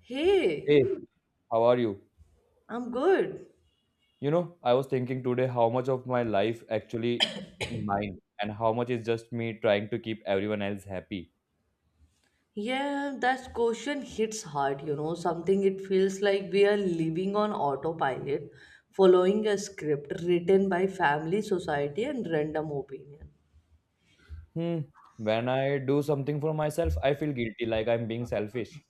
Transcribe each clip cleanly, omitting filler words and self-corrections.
Hey, Hey, how are you? I'm good. I was thinking today how much of my life actually mine and how much is just me trying to keep everyone else happy. Yeah, that question hits hard, you know, something it feels like we are living on autopilot, following a script written by family, society, and random opinion. Hmm. When I do something for myself, I feel guilty like I'm being selfish.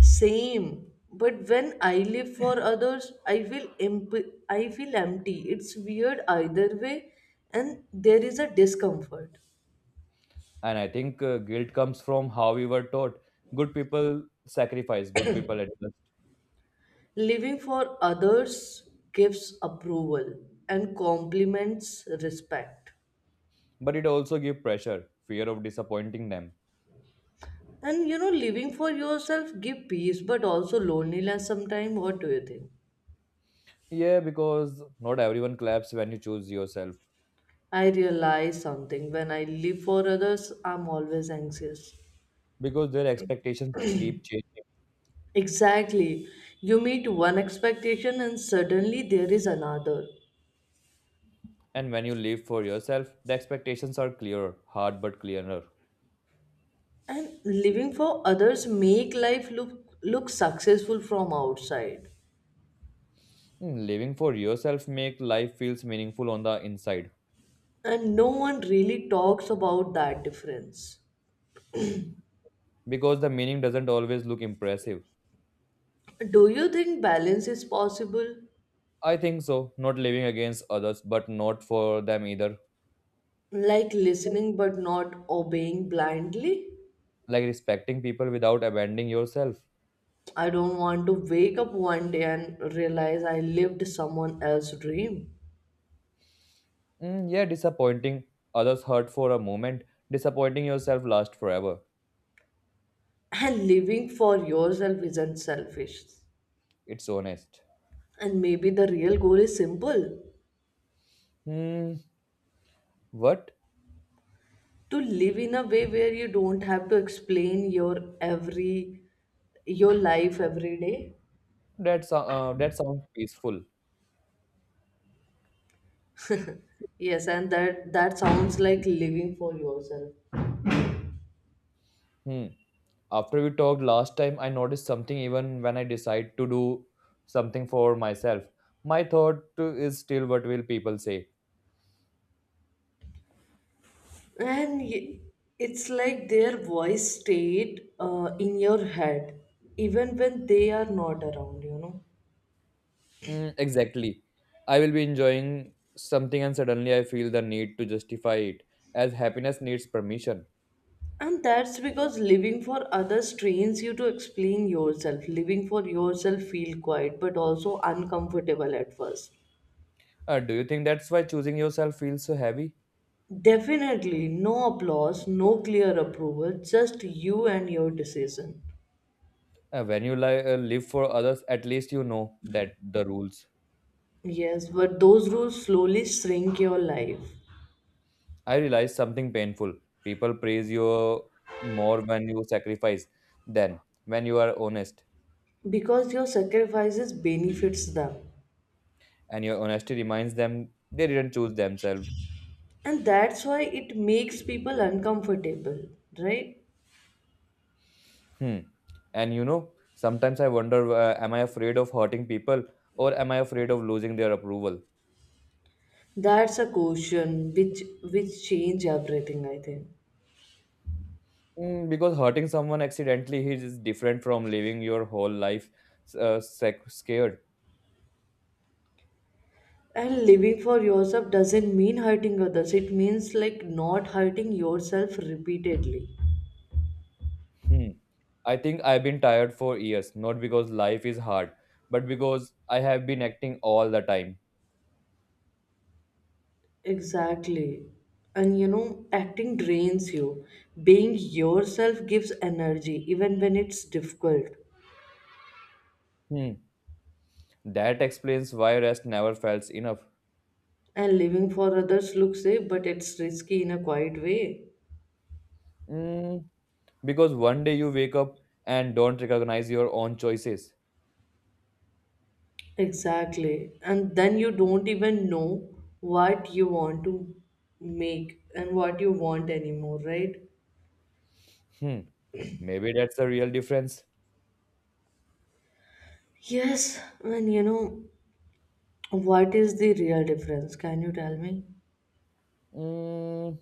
Same, but when I live for others, I feel empty. It's weird either way, and there is a discomfort. And I think guilt comes from how we were taught. Good people sacrifice, good people adjust. Living for others gives approval and compliments respect. But it also gives pressure, fear of disappointing them. And you know, living for yourself give peace but also loneliness sometimes. What do you think? Yeah, because not everyone claps when you choose yourself I realize something when I live for others, I'm always anxious. because their expectations keep changing. Exactly. You meet one expectation and suddenly there is another. And when you live for yourself, the expectations are clearer, hard but clearer. And living for others make life look successful from outside. Living for yourself make life feels meaningful on the inside And no one really talks about that difference. because the meaning doesn't always look impressive. Do you think balance is possible? I think so, not living against others but not for them either. Like listening but not obeying blindly? Like respecting people without abandoning yourself. I don't want to wake up one day and realize I lived someone else's dream. Mm, yeah, disappointing others hurt for a moment, disappointing yourself lasts forever. And living for yourself isn't selfish. It's honest. And maybe the real goal is simple, Hmm, what? to live in a way where you don't have to explain your every your life every day. That sounds peaceful. Yes, and that sounds like living for yourself. Hmm. After we talked last time, I noticed something. Even when I decide to do something for myself, my thought is still what will people say. and y- it's like their voice stayed in your head even when they are not around, you know. Mm, exactly. I will be enjoying something and suddenly I feel the need to justify it as happiness needs permission. And that's because living for others trains you to explain yourself. Living for yourself feel quiet but also uncomfortable at first. Do you think that's why choosing yourself feels so heavy? Definitely no applause, no clear approval, just you and your decision. When you live for others, at least you know that the rules. Yes, but those rules slowly shrink your life I realized something painful. People praise you more when you sacrifice than when you are honest. because your sacrifices benefits them. And your honesty reminds them they didn't choose themselves. And that's why it makes people uncomfortable, right? Hmm. And sometimes I wonder, am I afraid of hurting people or am I afraid of losing their approval? That's a question which change everything, I think. Because hurting someone accidentally is different from living your whole life, scared. And living for yourself doesn't mean hurting others. It means like not hurting yourself repeatedly. Hmm. I think I've been tired for years, not because life is hard, but because I have been acting all the time. Exactly. And you know, acting drains you. Being yourself gives energy, even when it's difficult. Hmm. That explains why rest never felt enough. And living for others looks safe, but it's risky in a quiet way. Mm, Because one day you wake up and don't recognize your own choices. Exactly. And then you don't even know what you want to make and what you want anymore, right? Hmm, maybe that's the real difference. Yes, and you know, what is the real difference? Can you tell me? Mm,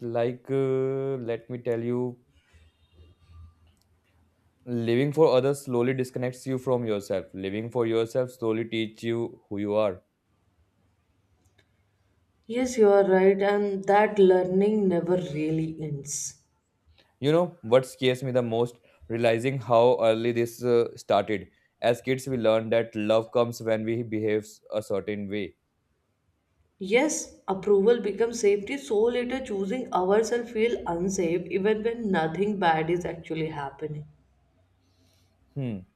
like, let me tell you, living for others slowly disconnects you from yourself. Living for yourself slowly teach you who you are. Yes, you are right, and that learning never really ends. You know what scares me the most? Realizing how early this started. As kids, we learn that love comes when we behave a certain way. Yes, approval becomes safety, so later choosing ourselves feel unsafe even when nothing bad is actually happening. Hmm.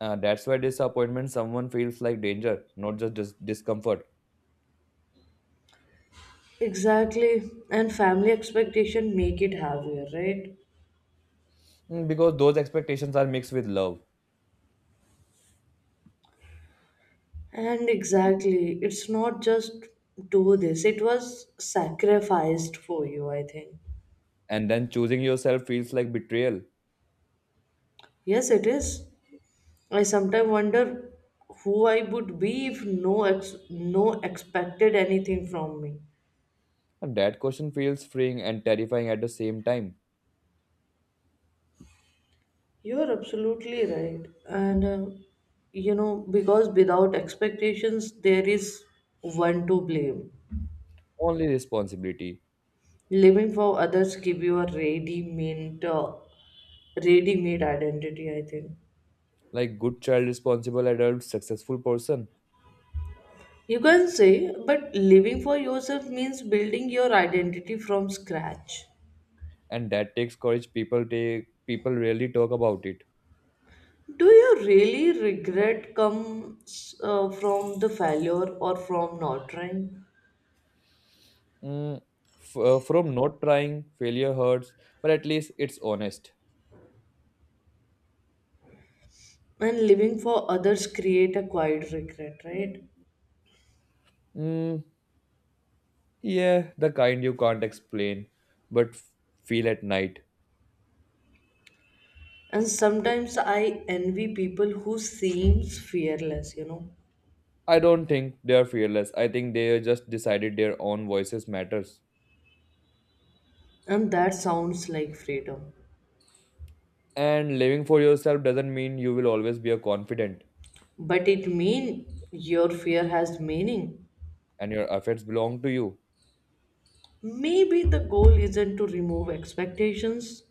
That's why disappointment someone feels like danger, not just discomfort. Exactly, and family expectation make it heavier, right? Because those expectations are mixed with love, And exactly, it's not just do this, it was sacrificed for you, I think. and then choosing yourself feels like betrayal. Yes, it is. I sometimes wonder who I would be if no expected anything from me. And that question feels freeing and terrifying at the same time. You are absolutely right, and you know because without expectations there is one to blame. Only responsibility, Living for others give you a ready-made identity, I think. like good child, responsible adult, successful person, You can say, but living for yourself means building your identity from scratch. and that takes courage. People take people rarely talk about it. Do you really regret comes from the failure or from not trying? Mm, from not trying, failure hurts, but at least it's honest. And living for others create a quiet regret, right? Mm, yeah, the kind you can't explain, but feel at night. And sometimes I envy people who seems fearless, you know. I don't think they are fearless. I think they just decided their own voices matters. And that sounds like freedom. And living for yourself doesn't mean you will always be a confident But it mean your fear has meaning. and your affairs belong to you. Maybe the goal isn't to remove expectations,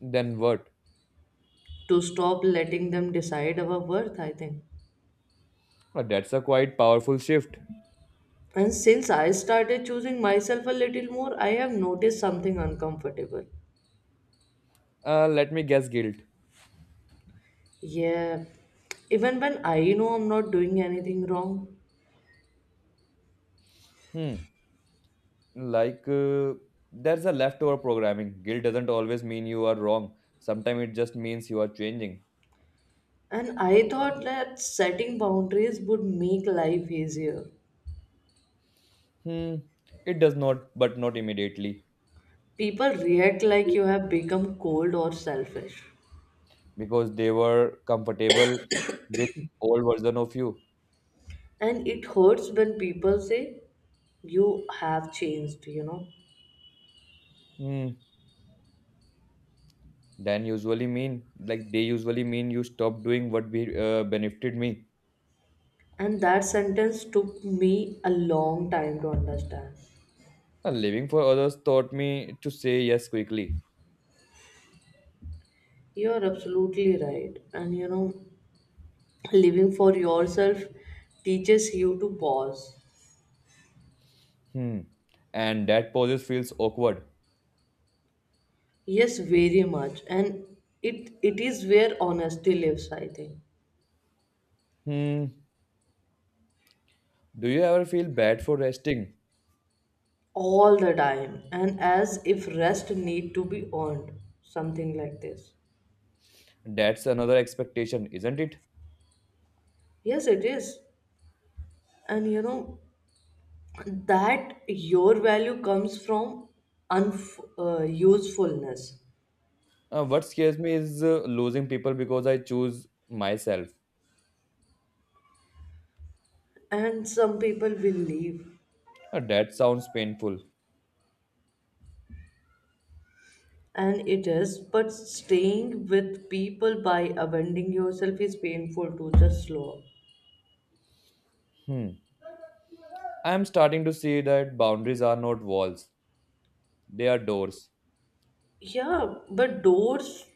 Then what? to stop letting them decide our worth, I think. That's a quite powerful shift. And since I started choosing myself a little more, I have noticed something uncomfortable. Let me guess guilt. Yeah, even when I know I'm not doing anything wrong. Hmm. Like there's a leftover programming. Guilt doesn't always mean you are wrong. Sometimes it just means you are changing. And I thought that setting boundaries would make life easier. Hmm. It does not, but not immediately People react like you have become cold or selfish. because they were comfortable with old version of you. And it hurts when people say, you have changed, you know. Hmm. Then usually mean like they usually mean you stop doing what benefited me. And that sentence took me a long time to understand. Living for others taught me to say yes quickly. You are absolutely right. And you know, living for yourself teaches you to pause. Hmm. And that poses feels awkward. Yes, very much. And it is where honesty lives, I think. Hmm. Do you ever feel bad for resting? All the time. And as if rest need to be earned. Something like this. That's another expectation, isn't it? Yes, it is. And you know that your value comes from usefulness. What scares me is losing people because I choose myself. And some people will leave. That sounds painful. And it is, but staying with people by abandoning yourself is painful too, just slow. Hmm. I am starting to see that boundaries are not walls, they are doors. Yeah, but doors,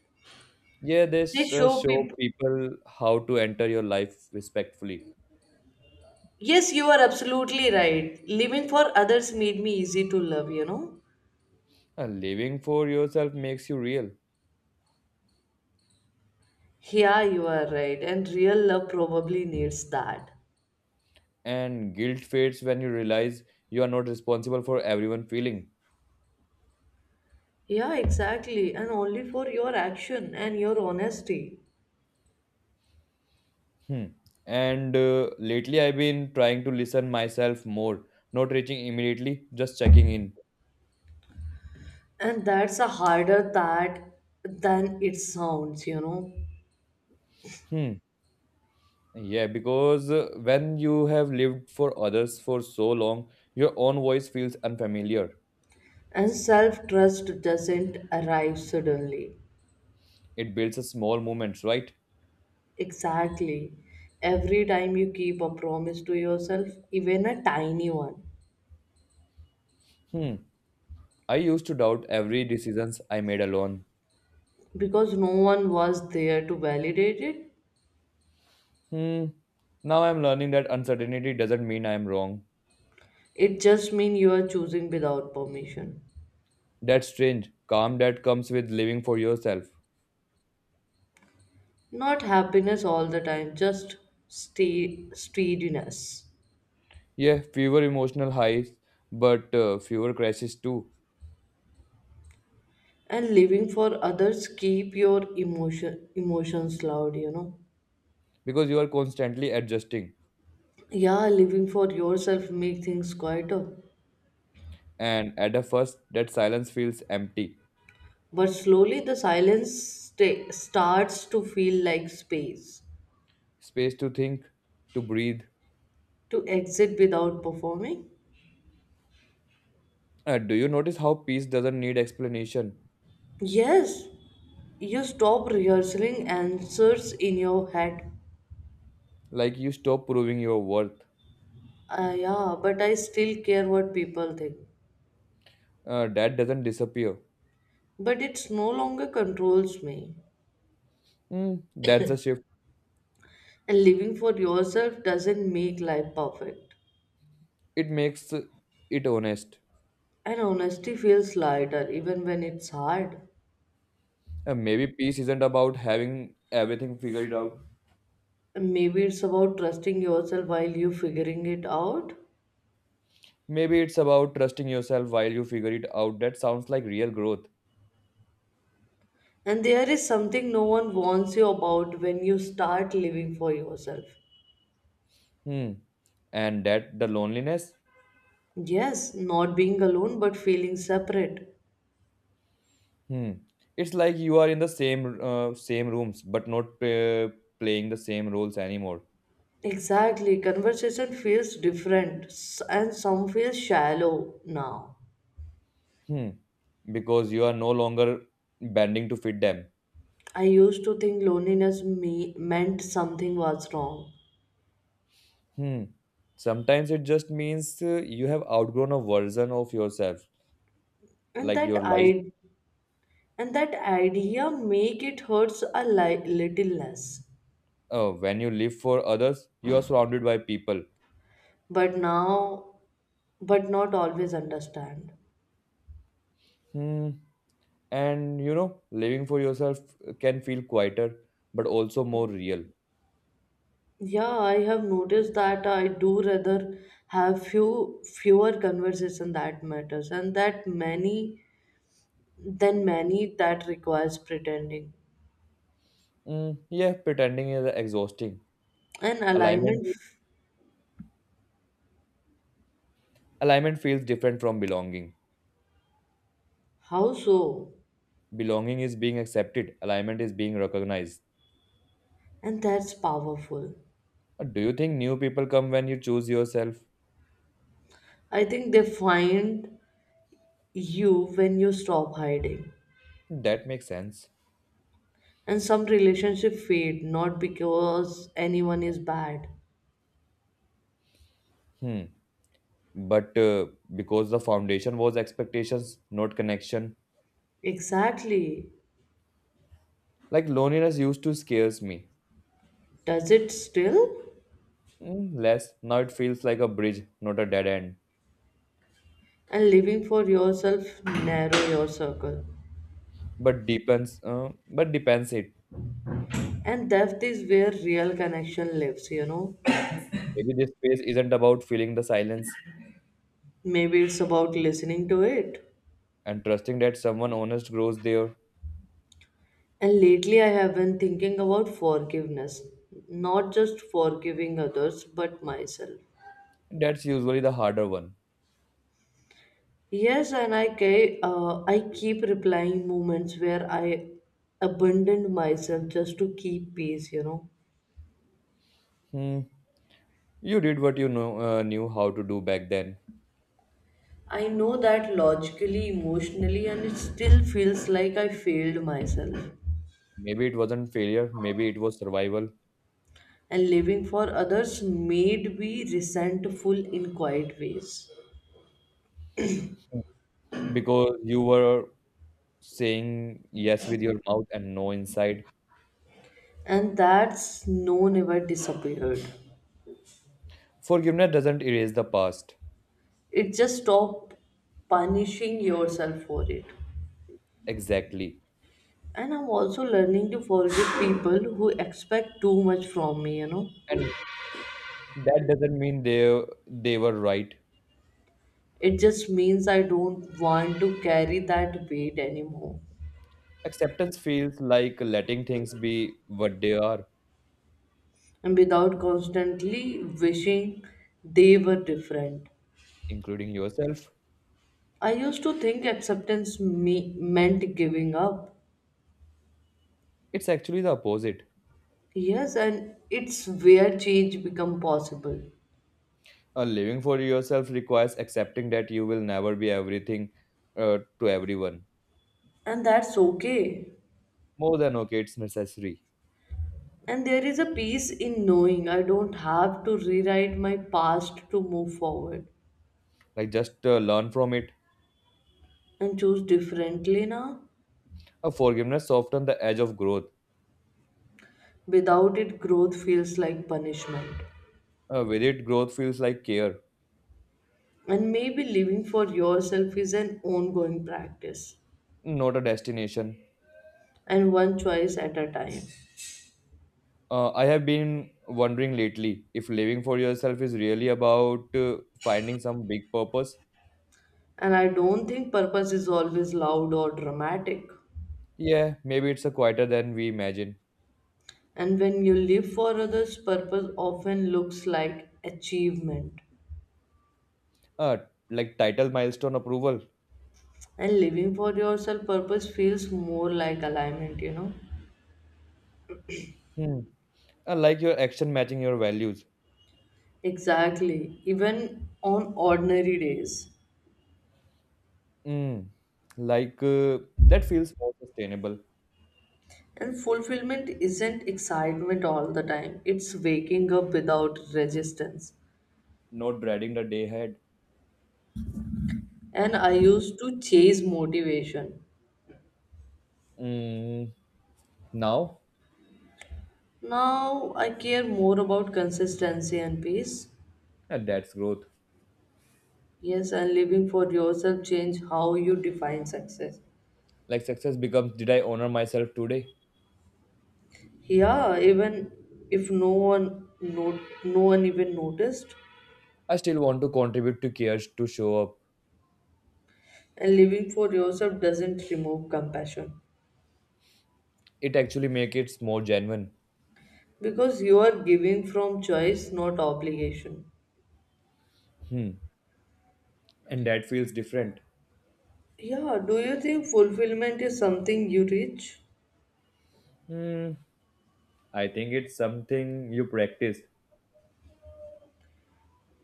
Yeah, they this show show people. people how to enter your life respectfully. Yes, you are absolutely right. Living for others made me easy to love, you know? Living for yourself makes you real, Yeah, you are right. And real love probably needs that. and guilt fades when you realize you are not responsible for everyone feeling. Yeah, exactly. And only for your action and your honesty. Hmm. And lately, I've been trying to listen myself more, not reaching immediately, just checking in. And that's a harder that than it sounds, you know. Hmm. Yeah, because when you have lived for others for so long, your own voice feels unfamiliar. And self trust doesn't arrive suddenly. It builds a small moments, right? Exactly. Every time you keep a promise to yourself, even a tiny one, Hmm. I used to doubt every decisions I made alone. because no one was there to validate it, Hmm. Now I'm learning that uncertainty doesn't mean I'm wrong. it just means you are choosing without permission. That's strange. Calm that comes with living for yourself. Not happiness all the time, just stay steadiness. Yeah, fewer emotional highs, but fewer crashes too, And living for others, keep your emotions loud, you know. because you are constantly adjusting. Yeah, living for yourself make things quieter. And at the first, that silence feels empty. But slowly the starts to feel like space Space to think, to breathe. to exit without performing. Do you notice how peace doesn't need explanation? Yes, you stop rehearsing answers in your head. Like you stop proving your worth. Ah, yeah, but I still care what people think. That doesn't disappear. But it's no longer controls me. That's a shift And living for yourself doesn't make life perfect. it makes it honest. And honesty feels lighter even when it's hard. And maybe peace isn't about having everything figured out. And maybe it's about trusting yourself while you're figuring it out. Maybe it's about trusting yourself while you figure it out. That sounds like real growth. And there is something no one warns you about when you start living for yourself. Hmm. And that the loneliness. Yes, not being alone but feeling separate. Hmm. It's like you are in the same rooms but not playing the same roles anymore. Exactly, conversation feels different s- and some feel shallow now. Hmm. Because you are no longer bending to fit them. I used to think meant something was wrong. Hmm. Sometimes it just means you have outgrown a version of yourself, And like that your life. I and that idea make it hurts a little less. When you live for others, you are surrounded by people. But now but not always understand. Hmm. And living for yourself can feel quieter, but also more real. Yeah, I have noticed that I do rather have fewer conversation that matters and that many than many that requires pretending. Mm, yeah, pretending is exhausting. And Alignment, alignment, alignment feels different from belonging. how so? Belonging is being accepted. Alignment is being recognized. And that's powerful. Do you think new people come when you choose yourself? I think they find you when you stop hiding. That makes sense. And some relationship fade not because anyone is bad. Hmm. But because the foundation was expectations, not connection. Exactly. Like loneliness used to scares me. Does it still? Less. Now it feels like a bridge, not a dead end. And living for yourself narrow your circle. But deepens, but depends it. And depth is where real connection lives, you know. Maybe this space isn't about feeling the silence Maybe it's about listening to it. and trusting that someone honest grows there. And lately, I have been thinking about forgiveness. Not just forgiving others, but myself. That's usually the harder one. Yes, I keep replying moments where I abandoned myself just to keep peace, you know. Hmm. You did what knew how to do back then. I know that logically, emotionally, and it still feels like I failed myself. Maybe it wasn't failure. Maybe it was survival. And living for others made me resentful in quiet ways. Because you were saying yes with your mouth and no inside. And that's no never disappeared. Forgiveness doesn't erase the past It just stopped punishing yourself for it. exactly, And I'm also learning to forgive people who expect too much from me, you know. and that doesn't mean they were right. It just means I don't want to carry that weight anymore. Acceptance feels like letting things be what they are, And without constantly wishing they were different. including yourself. I used to think meant giving up. It's actually the opposite. Yes, and it's where change become possible. A living for yourself requires accepting that you will never be everything to everyone. And that's okay. More than okay, it's necessary. And there is a peace in knowing I don't have to rewrite my past to move forward Like just learn from it. and choose differently now. A forgiveness softens the edge of growth. Without it, growth feels like punishment. With it, growth feels like care, And maybe living for yourself is an ongoing practice not a destination. and one choice at a time. I have been wondering lately if living for yourself is really about finding some big purpose. And I don't think purpose is always loud or dramatic. Yeah, maybe it's a quieter than we imagine. And when you live for others, purpose often looks like achievement, uh, like title milestone approval. and living for yourself, purpose feels more like alignment, you know. Hmm. Like your action matching your values. Exactly, even on ordinary days. Mm. Like that feels more sustainable. And fulfillment isn't excitement all the time, it's waking up without resistance. Not dreading the day ahead. And I used to chase motivation. Mm. Now Now I care more about consistency and peace. That's growth. Yes, and living for yourself change how you define success. Like success becomes did I honor myself today. Yeah, even if no one even noticed. I still want to contribute to cares to show up. And living for yourself doesn't remove compassion It actually make it more genuine. because you are giving from choice, not obligation. Hmm. And that feels different. Yeah, do you think fulfillment is something you reach Hmm. I think it's something you practice.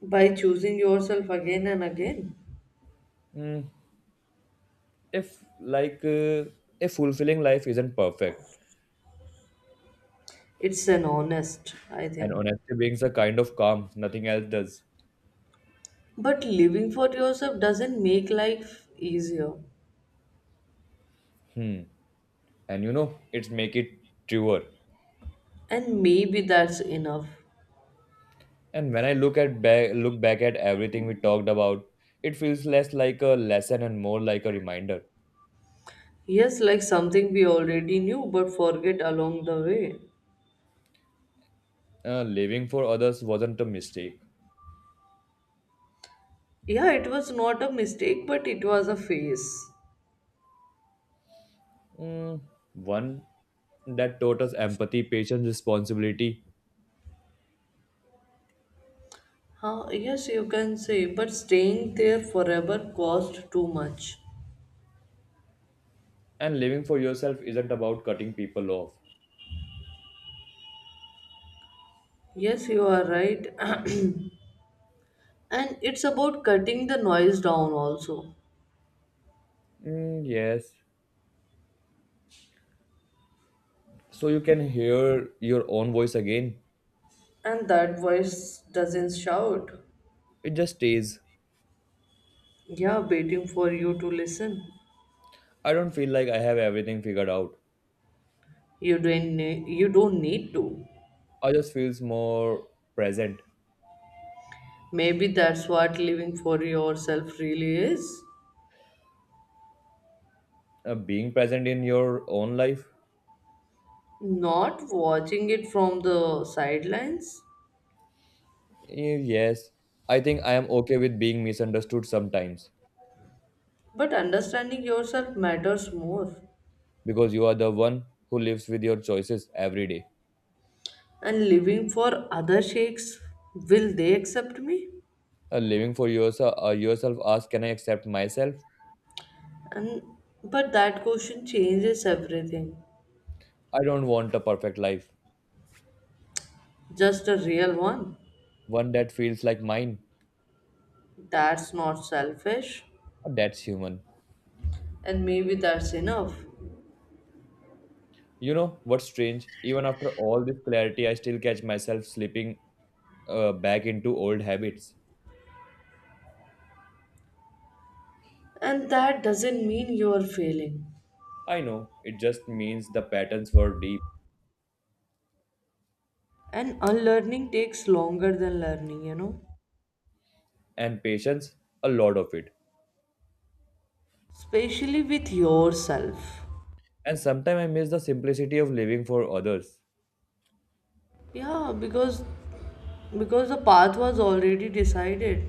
by choosing yourself again and again? If, like, a fulfilling life isn't perfect. It's an honest, I And think. honesty brings a kind of calm nothing else does. But living for yourself doesn't make life easier, And it's make it truer. and maybe that's enough. And when I look back at everything we talked about, it feels less like a lesson and more like a reminder. Yes, like something we already knew but forget along the way. Living for others wasn't a mistake. Yeah, it was not a mistake, but it was a phase. Mm, one that taught us empathy, patience, responsibility, Huh? Yes, you can say, but staying there forever cost too much. and living for yourself isn't about cutting people off. Yes, you are right. And it's about cutting the noise down also. Mm, yes. So you can hear your own voice again. And that voice doesn't shout. It just stays. Yeah, waiting for you to listen. I don't feel like I have everything figured out. You don't need to. I just feels more present. Maybe that's what living for yourself really is. Being present in your own life. Not watching it from the sidelines. Yes, I think I am okay with being misunderstood sometimes But understanding yourself matters more. because you are the one who lives with your choices every day. And living for other shakes, will they accept me? Living for yourself, yourself asks, can I accept myself? And but that question changes everything. I don't want a perfect life, Just a real one. one that feels like mine. That's not selfish. That's human. And maybe that's enough. You know what's strange? Even after all this clarity, I still catch myself slipping back into old habits. And that doesn't mean you're failing. I know it just means the patterns were deep And unlearning takes longer than learning, you know. and patience, a lot of it. Especially with yourself. And sometimes I miss the simplicity of living for others. Yeah, because the path was already decided,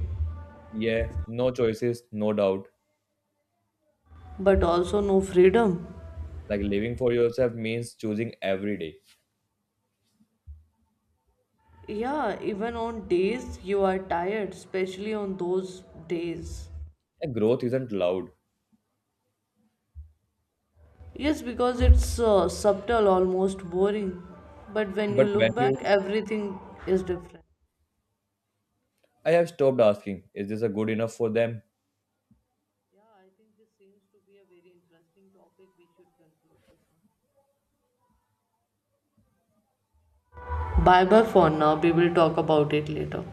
Yeah, no choices, no doubt. but also no freedom. Like living for yourself means choosing every day. Yeah, even on days you are tired, especially on those days. And growth isn't loud. Yes, because it's subtle, almost boring. But when you But when look back, you, everything is different. I have stopped asking, is this a good enough for them? Yeah, I think this seems to be a very interesting topic. We should conclude this now. Bye bye for now. We will talk about it later.